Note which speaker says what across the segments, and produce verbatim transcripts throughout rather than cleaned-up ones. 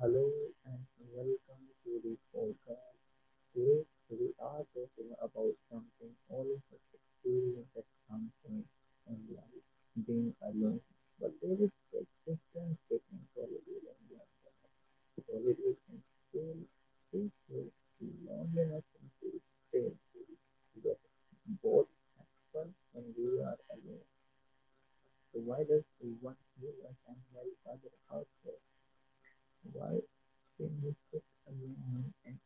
Speaker 1: Hello and welcome to the podcast. Today we are talking about something all of us experience at some point in life, being alone. But there is a difference between solitude and loneliness. Solitude can feel peaceful, loneliness can feel strange. Yet both fun when we are alone. So why does one heal us and while other hurts us? Why can you sit alone and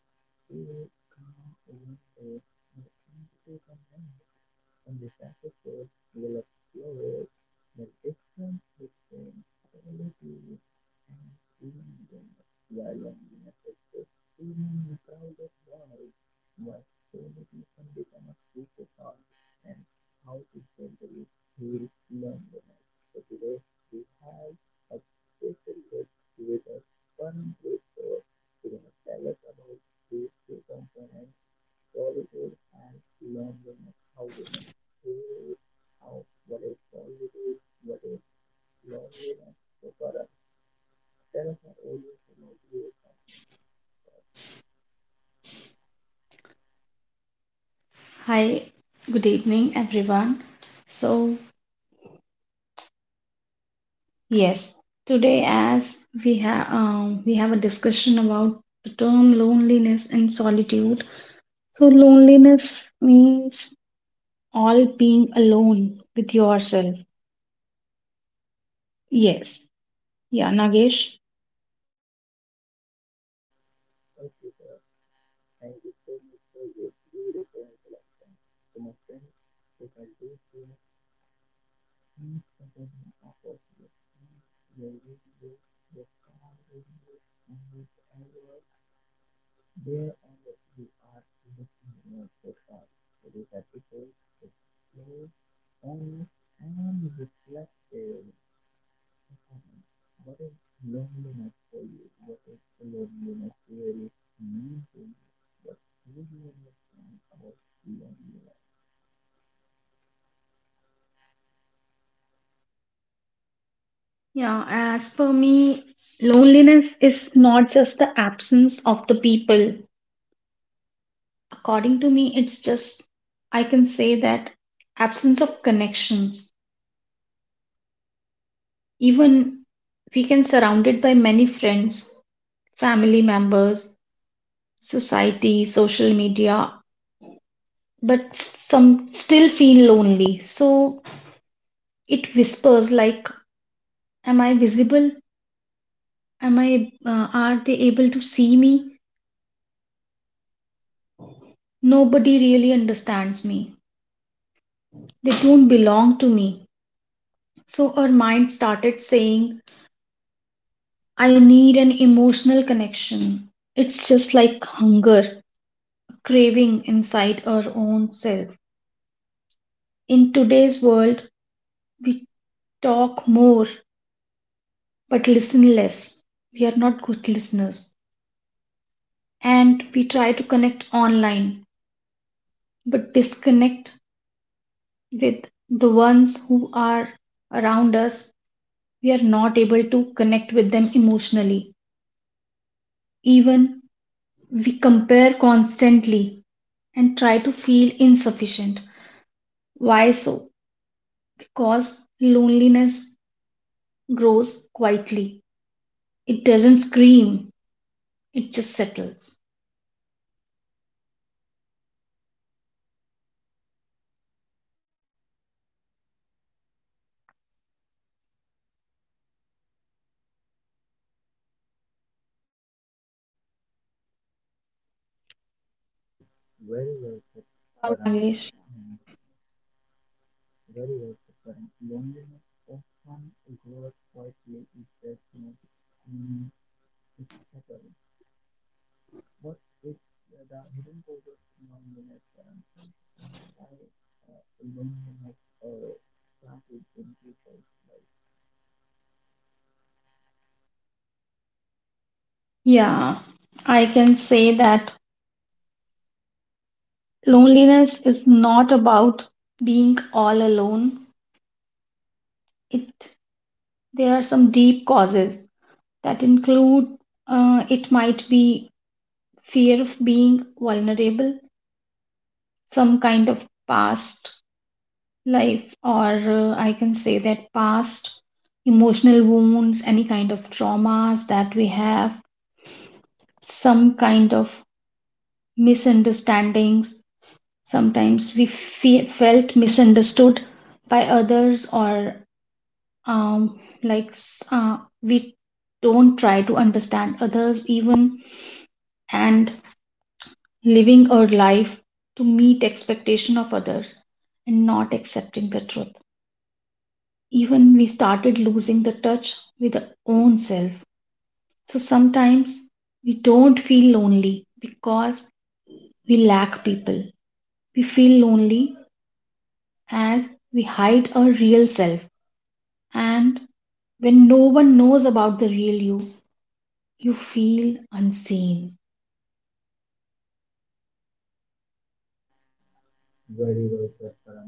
Speaker 1: feel calm when there's no end to the in this episode, we'll explore the difference between solitude and loneliness. Why loneliness is just human in a crowded world, why solitude can become a superpower, and how to gently heal loneliness. So today, we have a special guest with us, Param Before. She's going to tell us about these two components solitude and loneliness, how we can feel it, how what is solitude, what is loneliness. So Farah, tell us our audience about yourself.
Speaker 2: Hi, good evening, everyone. So yes, today as we have um, we have a discussion about the term loneliness and solitude. So loneliness means all being alone with yourself. Yes, yeah, Nagesh.
Speaker 1: Thank you, Farah. Thank you so much for your beautiful introduction. So my friends, if I do share each and every of your time, your videos, your car reviews, and whatever There only you are looking love for God with a deeper, slow, honest, and reflective upon what is loneliness for you, what is loneliness really mean to you, what do you understand about loneliness.
Speaker 2: Yeah, as per me, loneliness is not just the absence of the people. According to me, it's just I can say that absence of connections. Even we can surrounded by many friends, family members, society, social media, but some still feel lonely. So it whispers like, "Am I visible? Am I? Uh, are they able to see me? Nobody really understands me. They don't belong to me." So our mind started saying, "I need an emotional connection." It's just like hunger, craving inside our own self. In today's world, we talk more but listen less. We are not good listeners. And we try to connect online but disconnect with the ones who are around us. We are not able to connect with them emotionally. Even we compare constantly and try to feel insufficient. Why so? Because loneliness grows quietly. It doesn't scream, it just settles.
Speaker 1: Very well said,
Speaker 2: Sure, Nagesh.
Speaker 1: Param. Um, very well said, Param. Loneliness often grows quietly, it does not mean it's settled. What is the hidden cause of loneliness and uh, why uh, loneliness uh, started in people's lives?
Speaker 2: Yeah, I can say that loneliness is not about being all alone. It There are some deep causes that include uh, it might be fear of being vulnerable, some kind of past life, or uh, I can say that past emotional wounds, any kind of traumas that we have, some kind of misunderstandings. Sometimes we fe- felt misunderstood by others, or um, like s- uh, we don't try to understand others even, and living our life to meet expectation of others and not accepting the truth. Even we started losing the touch with our own self. So sometimes we don't feel lonely because we lack people. We feel lonely as we hide our real self. And when no one knows about the real you, you feel unseen.
Speaker 1: Very well said, Karan.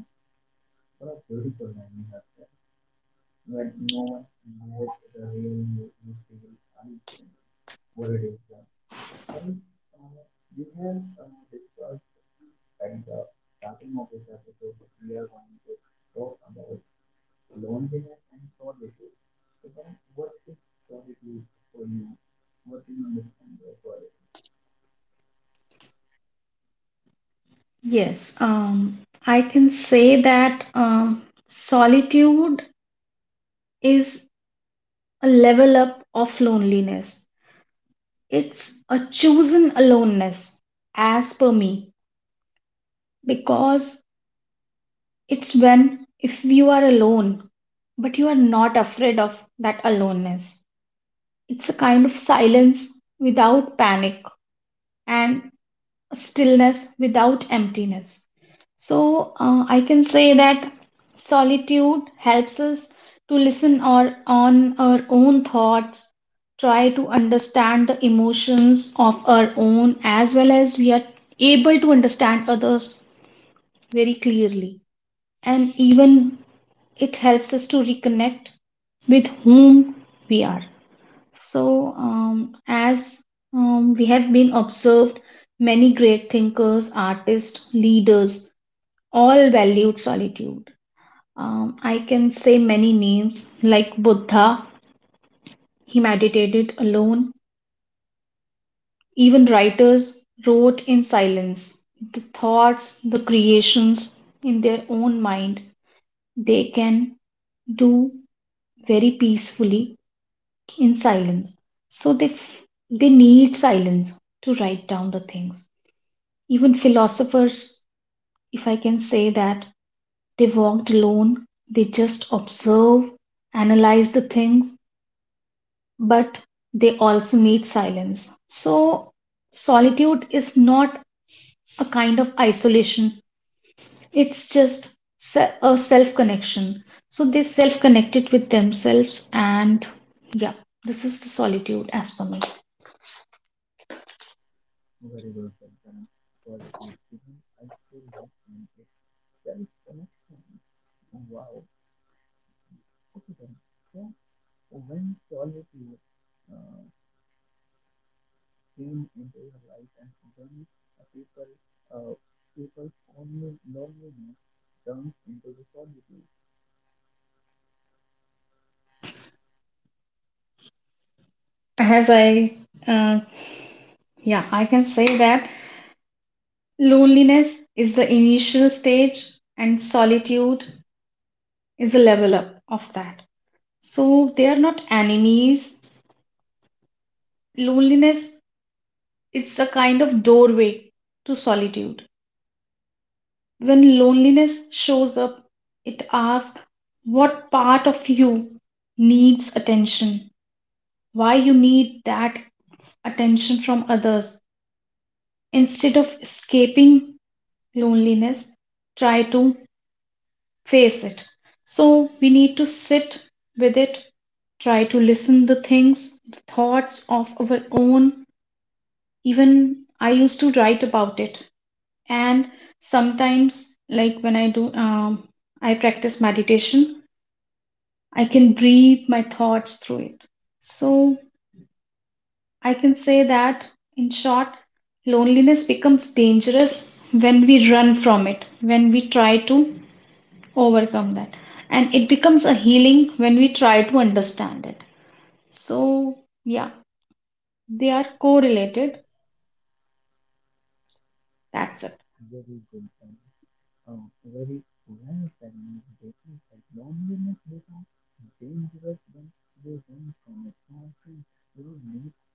Speaker 1: What a beautiful line you have said. When no one knows the real you, you feel unseen. What it is like. Karan, uh, we have uh, discussed at the starting of this episode that we are going to talk about loneliness and solitude. So, Karan, what is solitude for you? What do you understand by solitude?
Speaker 2: Yes, um, I can say that um, solitude is a level up of loneliness. It's a chosen aloneness, as per me, because it's when if you are alone, but you are not afraid of that aloneness. It's a kind of silence without panic, and stillness without emptiness. So uh, I can say that solitude helps us to listen or on our own thoughts, try to understand the emotions of our own, as well as we are able to understand others very clearly. And even it helps us to reconnect with whom we are. So, um, as um, we have been observed, many great thinkers, artists, leaders all valued solitude. Um, I can say many names like Buddha, he meditated alone. Even writers wrote in silence. The thoughts, the creations in their own mind, they can do very peacefully in silence. So they f- they need silence to write down the things. Even philosophers, if I can say that, they walked alone. They just observe, analyze the things, but they also need silence. So solitude is not a kind of isolation. It's just se- a self connection. So they self connected with themselves, and yeah, this is the solitude as per me.
Speaker 1: Very well said, Karan. Solitude isn't isolation, it's self connection. Wow. Okay, Karan. So, when solitude uh, came into your life and when uh, people, uh, people's only loneliness turns into the solitude,
Speaker 2: As I, uh, yeah, I can say that loneliness is the initial stage and solitude is the level up of that. So they are not enemies. Loneliness is a kind of doorway to solitude. When loneliness shows up, it asks what part of you needs attention, why you need that attention from others. Instead of escaping loneliness, try to face it. So we need to sit with it, try to listen the things, the thoughts of our own. Even I used to write about it, and sometimes, like when I do, um, I practice meditation. I can breathe my thoughts through it. So I can say that, in short, loneliness becomes dangerous when we run from it, when we try to overcome that. And it becomes a healing when we try to understand it. So, yeah, they are correlated. That's it.
Speaker 1: very good. Karan. A very well-balanced basis that loneliness becomes dangerous when you run from it. So I think you need to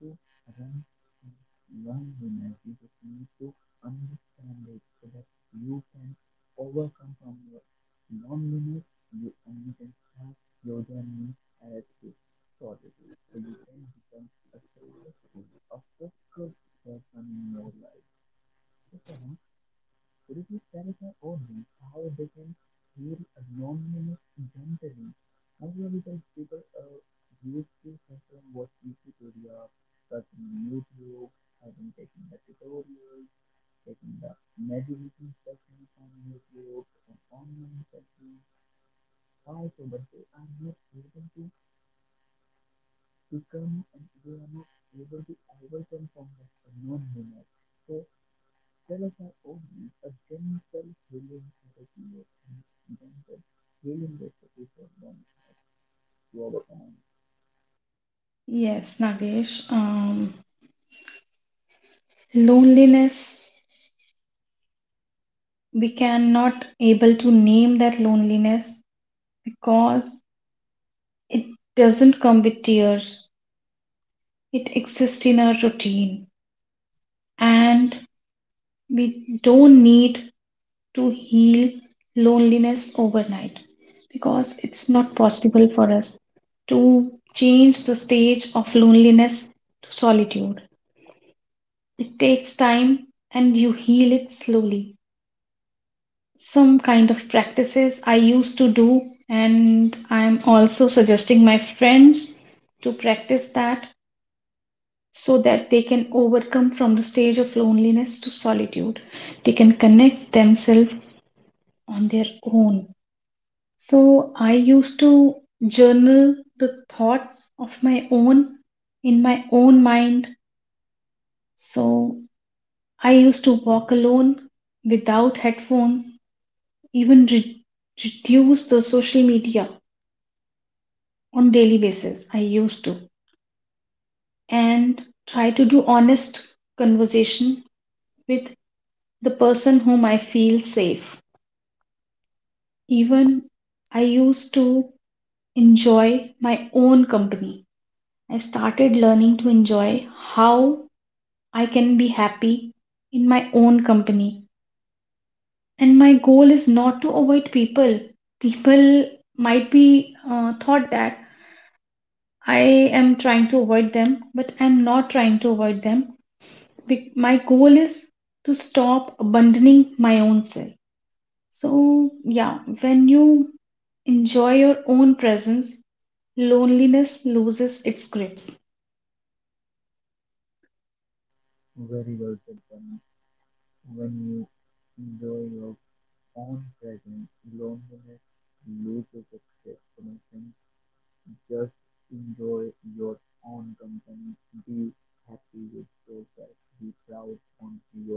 Speaker 1: run from loneliness. You just need to understand it so that you can overcome from your loneliness. You and you can start your journey as a solitude. So you can become a successful, a focused person in your life. So, Farhan, could you please clarify for how they can feel anonymous generally? Most of the people people are used to from watching tutorials, searching on YouTube, having taking the tutorials, taking the meditation sessions on YouTube, or online sessions. Also, but they are not able to become and they are not able to overcome from that anonymous. So tell us our a gentle healing therapy invented, healing the city problems to overcome.
Speaker 2: Yes, Nagesh. Um, loneliness, we cannot able to name that loneliness because it doesn't come with tears. It exists in our routine and we don't need to heal loneliness overnight because it's not possible for us to change the stage of loneliness to solitude. It takes time and you heal it slowly. Some kind of practices I used to do, and I'm also suggesting my friends to practice that so that they can overcome from the stage of loneliness to solitude. They can connect themselves on their own. So I used to journal the thoughts of my own in my own mind. So I used to walk alone without headphones, even re- reduce the social media on daily basis. I used to and try to do honest conversation with the person whom I feel safe. Even I used to enjoy my own company. I started learning to enjoy how I can be happy in my own company. And my goal is not to avoid people. People might be uh, thought that I am trying to avoid them, but I'm not trying to avoid them. Be- my goal is to stop abandoning my own self. So, yeah, when you enjoy your own presence, loneliness loses its grip.
Speaker 1: Very well said, Pranav. When you enjoy your own presence, loneliness loses its destination. Just enjoy your own company. Be happy with yourself. Be proud on yourself.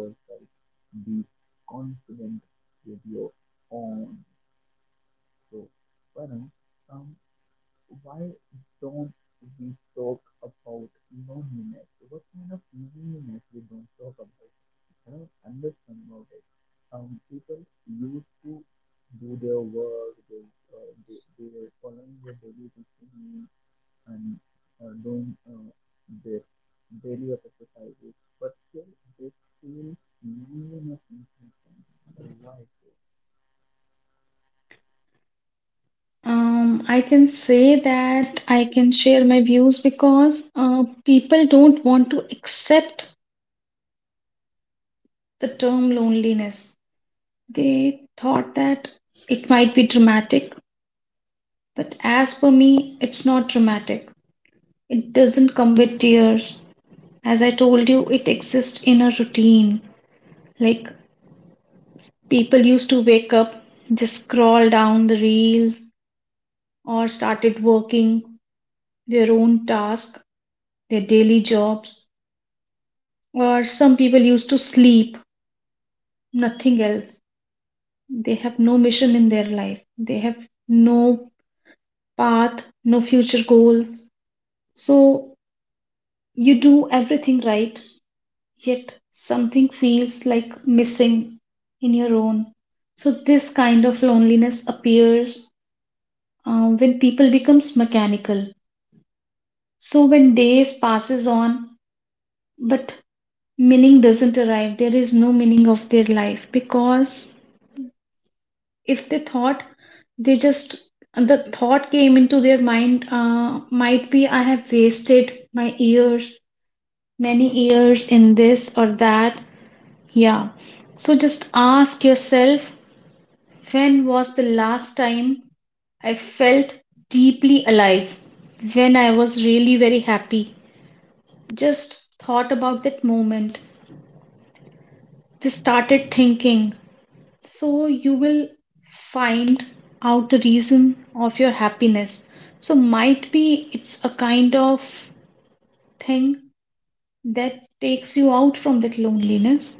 Speaker 1: Be confident with your own. So, Pranav, um, why don't we talk about loneliness? What kind of loneliness we don't talk about? I don't understand about it. Um, people used to do their work, they, uh, they, they were following their daily routine and uh, doing uh, their daily exercises, but still they feel loneliness in something. Uh, why so?
Speaker 2: Um, I can say that I can share my views because uh, people don't want to accept the term loneliness. They thought that it might be dramatic, but as per me, it's not dramatic. It doesn't come with tears. As I told you, it exists in a routine. Like people used to wake up, just scroll down the reels, or started working their own task, their daily jobs. Or some people used to sleep, nothing else. They have no mission in their life, they have no path, no future goals. So you do everything right, yet something feels like missing in your own. So this kind of loneliness appears uh, when people becomes mechanical. So when days passes on, but meaning doesn't arrive, there is no meaning of their life because if they thought they just the thought came into their mind, uh, might be I have wasted my years, many years in this or that. Yeah. So just ask yourself, when was the last time I felt deeply alive, when I was really very happy? Just thought about that moment, just started thinking. So you will find out the reason of your happiness. So might be it's a kind of thing that takes you out from that loneliness.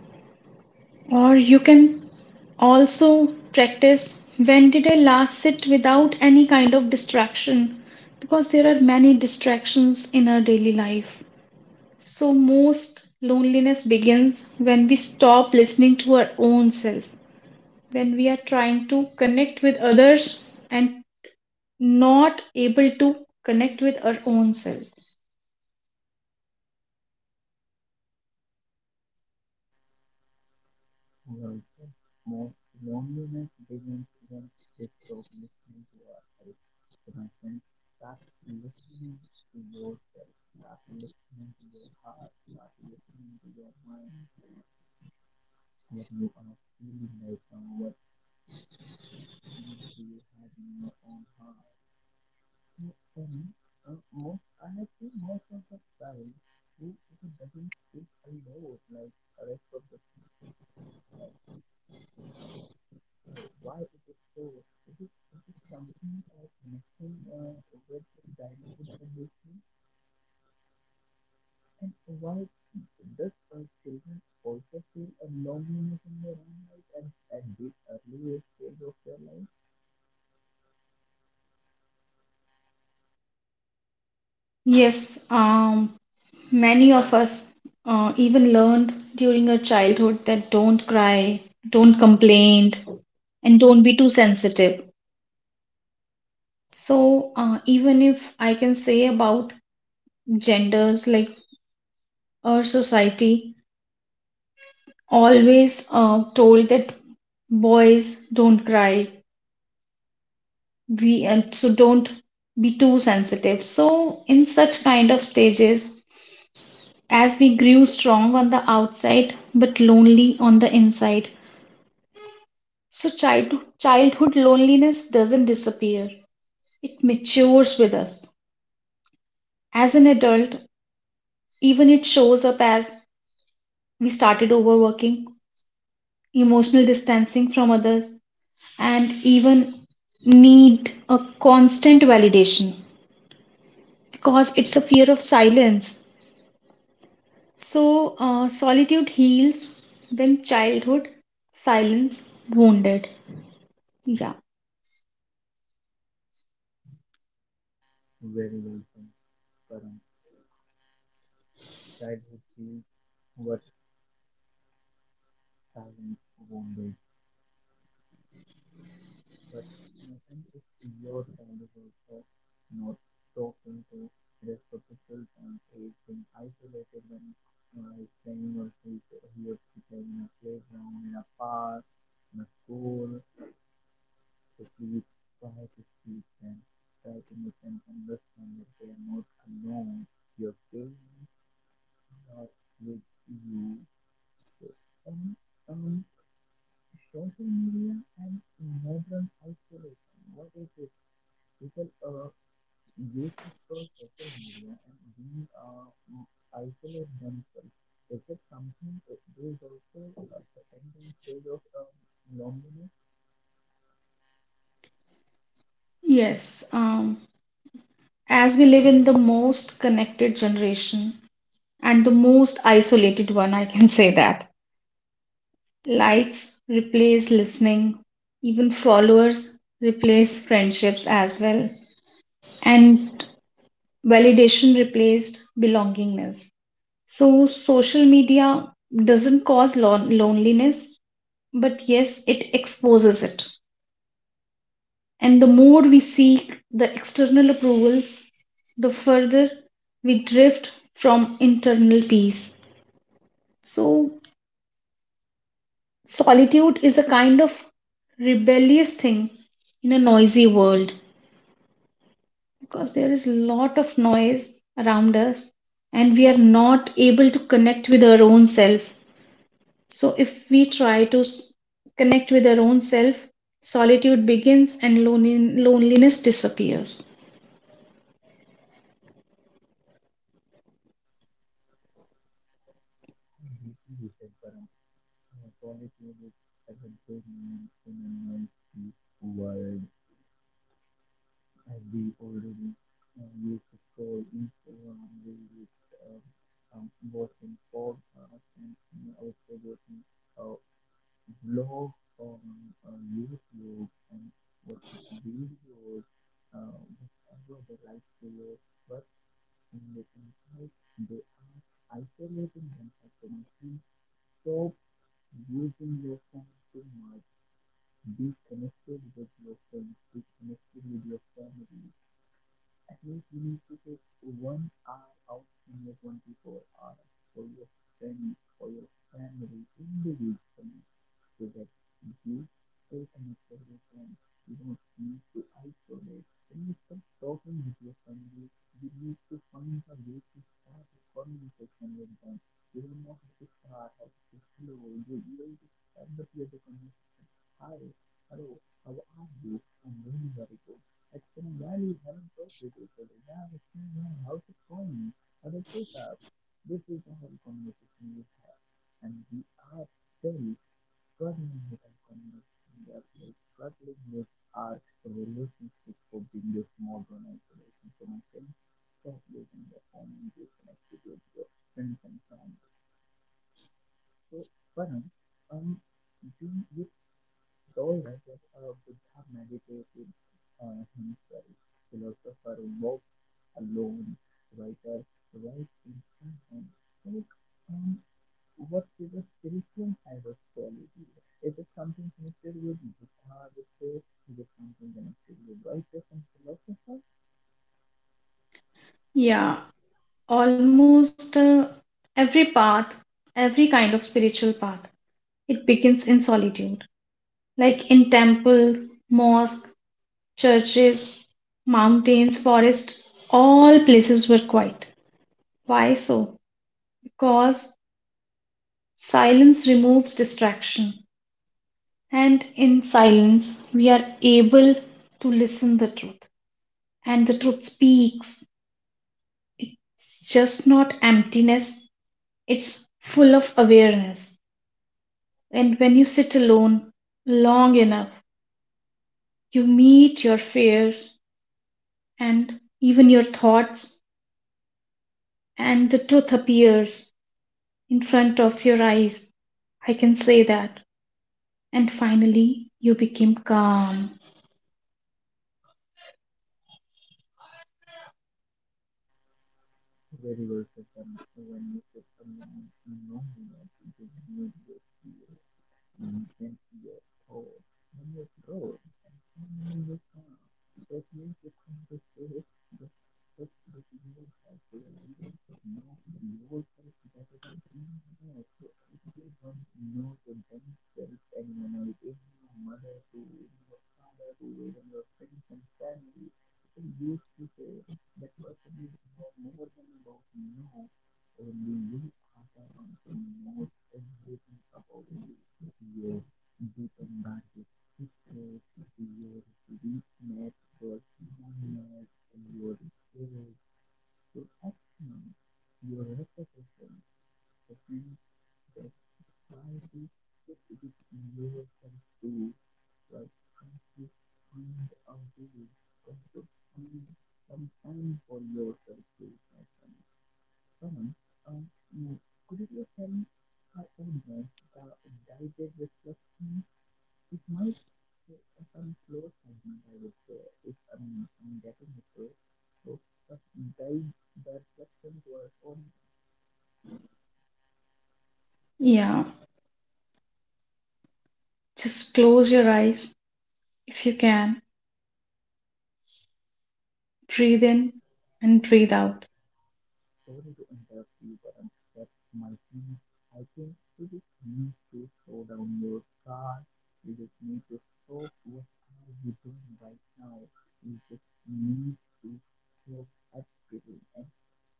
Speaker 2: Or you can also practice, when did I last sit without any kind
Speaker 1: Very.
Speaker 2: of distraction? Because there are many distractions in our daily life. So most
Speaker 1: Mm-hmm.
Speaker 2: loneliness begins when we stop listening to our own self, when we are trying to connect with others and not able to connect with our own self.
Speaker 1: And also, most loneliness begins when we stop listening to ourselves. So, my friend, start listening to yourself, start listening to your heart, start listening to your mind, what you are feeling right now, what feelings do you have in your own heart. So, for me, uh, most, I have seen most of the child who, who doesn't speak a lot, like the rest of the uh, children. Oh, why is it so? Is it, is it something or messing uh, with the childhood condition, and why does our children also feel a loneliness in their own life and at this earliest stage of their life?
Speaker 2: Yes, um, many of us uh, even learned during our childhood that don't cry, don't complain, and don't be too sensitive. So, uh, even if I can say about genders, like our society always uh, told that boys don't cry, we and so don't be too sensitive. So in such kind of stages, as we grew strong on the outside but lonely on the inside, so child, childhood loneliness doesn't disappear, it matures with us as an adult. Even it shows up as we started overworking, emotional distancing from others, and even need a constant validation because it's a fear of silence. So, uh, solitude heals when childhood silence wounded. Yeah.
Speaker 1: Very welcome, Karan. Childhood feels what silence won't do. But nothing is in your child is also not talking to. It is protected and is being isolated when uh, is playing or he he or she play in a playground, in a park, in a school. So please try to speak them. Try to make them understand that they are not alone. Your children are with you. So, um, um, social media and modern isolation. What is it? People uh, use it for social media and being uh, m- isolate themselves. Is it something, uh, there is also a a certain stage of um, loneliness
Speaker 2: Yes. Um, as we live in the most connected generation and the most isolated one, I can say that. Likes replace listening, even followers replace friendships as well, and validation replaced belongingness. So, social media doesn't cause lon- loneliness, but yes, it exposes it. And the more we seek the external approvals, the further we drift from internal peace. So, solitude is a kind of rebellious thing in a noisy world because there is a lot of noise around us and we are not able to connect with our own self. So, if we try to s- connect with our own self, solitude begins and lone- loneliness disappears.
Speaker 1: and deprivation for um, uh, solitude is as a good name in a noisy world as we already uh, used to scroll Instagram, Reels, um, um, watching podcasts and you know, also watching uh, blog on uh, YouTube and watching videos, uh, whatever they like to do. But in the inside, they are isolating themselves from us. And stop using your phone too much. Be connected with your friends. Be connected with your family. At least you need to take one hour out from your twenty-four hours for your friends, for your family, individually, so that you stay connected with them. You don't need to isolate. When you start talking with your family, you need to find a way to start a conversation with them. You don't know how to start, how to say hello. You, you just start the conversation. Hi, hello, how are you? I'm really very good. It's been a while we haven't talked with each other. Yeah, it's how's it going? How did it up? This is the whole conversation we have, and we are still struggling with our conversation. We are still struggling with our relationship for being this modern isolation. So, my friends, stop using your phone and get connected with your friends and family. So, Param, um, you, you told us that uh, Buddha meditated on himself. Philosopher walked alone. Writer writes in silence. So, um, what is the spiritual side of solitude? Is it something connected with Buddha ritual? Is it something connected with writers and philosophers?
Speaker 2: Yeah, almost uh, every path, every kind of spiritual path, it begins in solitude, like in temples, mosques, churches, mountains, forests, all places were quiet. Why so? Because silence removes distraction, and in silence, we are able to listen the truth, and the truth speaks. It's just not emptiness, it's full of awareness. And when you sit alone long enough, you meet your fears and even your thoughts, and the truth appears in front of your eyes. I can say that. And finally, you become calm.
Speaker 1: Very well said. So when you sit alone in loneliness, you need your fear. Deep into your throat, from your throat, and finally you come. That means you come to say that, that, that yourself so that you can know yourself better than anyone else. So if you don't know your themselves anyone else, even your mother too, even your father too, even your friends and family, people used to say that person is no more than about you. Only you are the one who knows everything about you your dependence, hatred, your weakness, your smallness, your age, your actions, your reputation, the things that try to fit with yourself too, but try to find a way, try to find some time for yourself too, my friend. Karan, um, you- could you please tell me how old was the guided reflection it might be some slow segment, I would say, if I'm, I'm getting it right. So, the guide, the reflections were on
Speaker 2: Yeah, just close your eyes if you can. Breathe in and breathe out.
Speaker 1: sorry to interrupt you, Karan, but my friend, I think you just need to slow down your car. You just need to stop what are you doing right now. You just need to stop everything and sit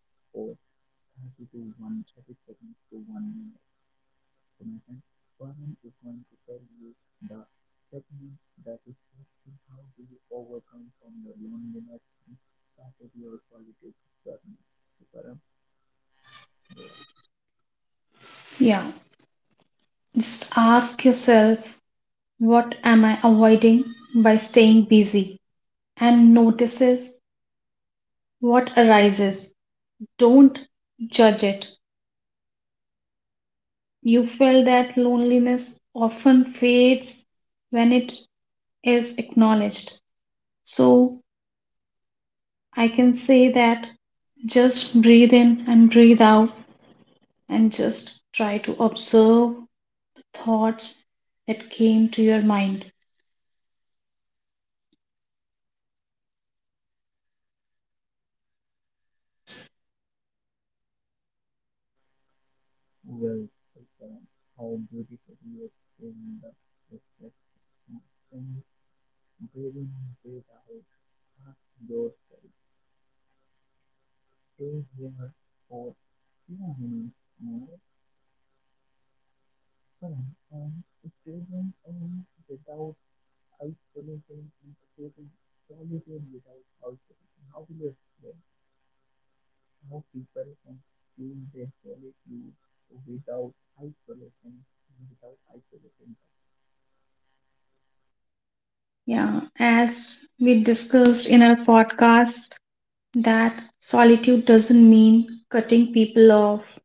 Speaker 1: for thirty to one thirty seconds to one minute. So my friend. Param is going to tell you the technique that is actually how do you overcome from your loneliness and started your solitude journey. So Param, go ahead.
Speaker 2: Yeah, just ask yourself, what am I avoiding by staying busy, and notices what arises. Don't judge it. You felt that loneliness often fades when it is acknowledged. So I can say that just breathe in and breathe out and just try to observe thoughts that came to your mind.
Speaker 1: Well, well, Param, how beautiful you explain the reflection. From breathing in, breathe out, ask yourself, stay here for few moments more, Param, and stay them without help solutions integrated solitude without outsourcing? How will you explain how people can choose their solitude without isolation, without isolating themselves?
Speaker 2: Yeah, as we discussed in our podcast, that solitude doesn't mean cutting people off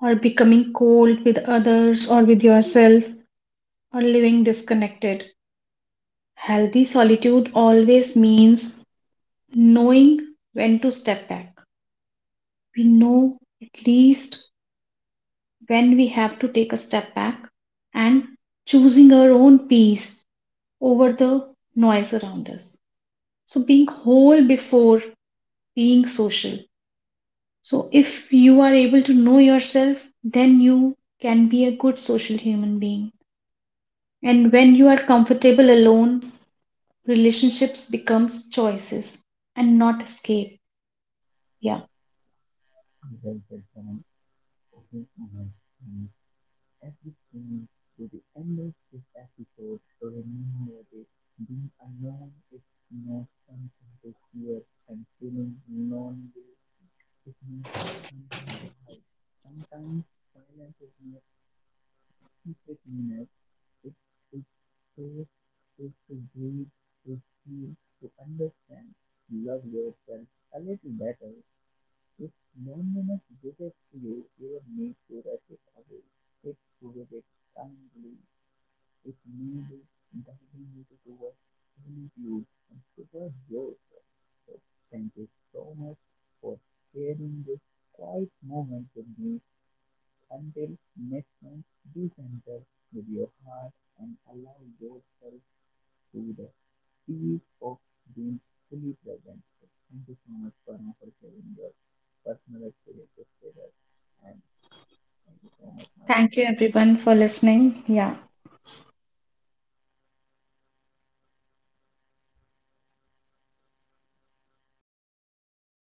Speaker 2: or becoming cold with others or with yourself, or living disconnected. Healthy solitude always means knowing when to step back. We know at least when we have to take a step back and choosing our own peace over the noise around us. So, being whole before being social. So, if you are able to know yourself, then you can be a good social human being. And when you are comfortable alone, relationships becomes choices and not escape. Yeah,
Speaker 1: Well said, Karan. Okay, my friends, as we came to the end of this episode, remember this, being alone is not something to fear and feeling lonely is not something to hide. Sometimes silence is not secret meanness, it takes us to breathe, to feel, to understand. Love yourself a little better. If loneliness visits you, you will need to rush it away. Take to it kindly. It may be guiding you towards solitude and towards yourself. So thank you so much for sharing this quiet moment with me until next time, be gentle with your heart and allow yourself to the peace of being fully present. So thank you so much, Parma, for sharing your personal experiences with us. And thank you so much, my
Speaker 2: thank
Speaker 1: friend.
Speaker 2: you everyone for listening. Yeah.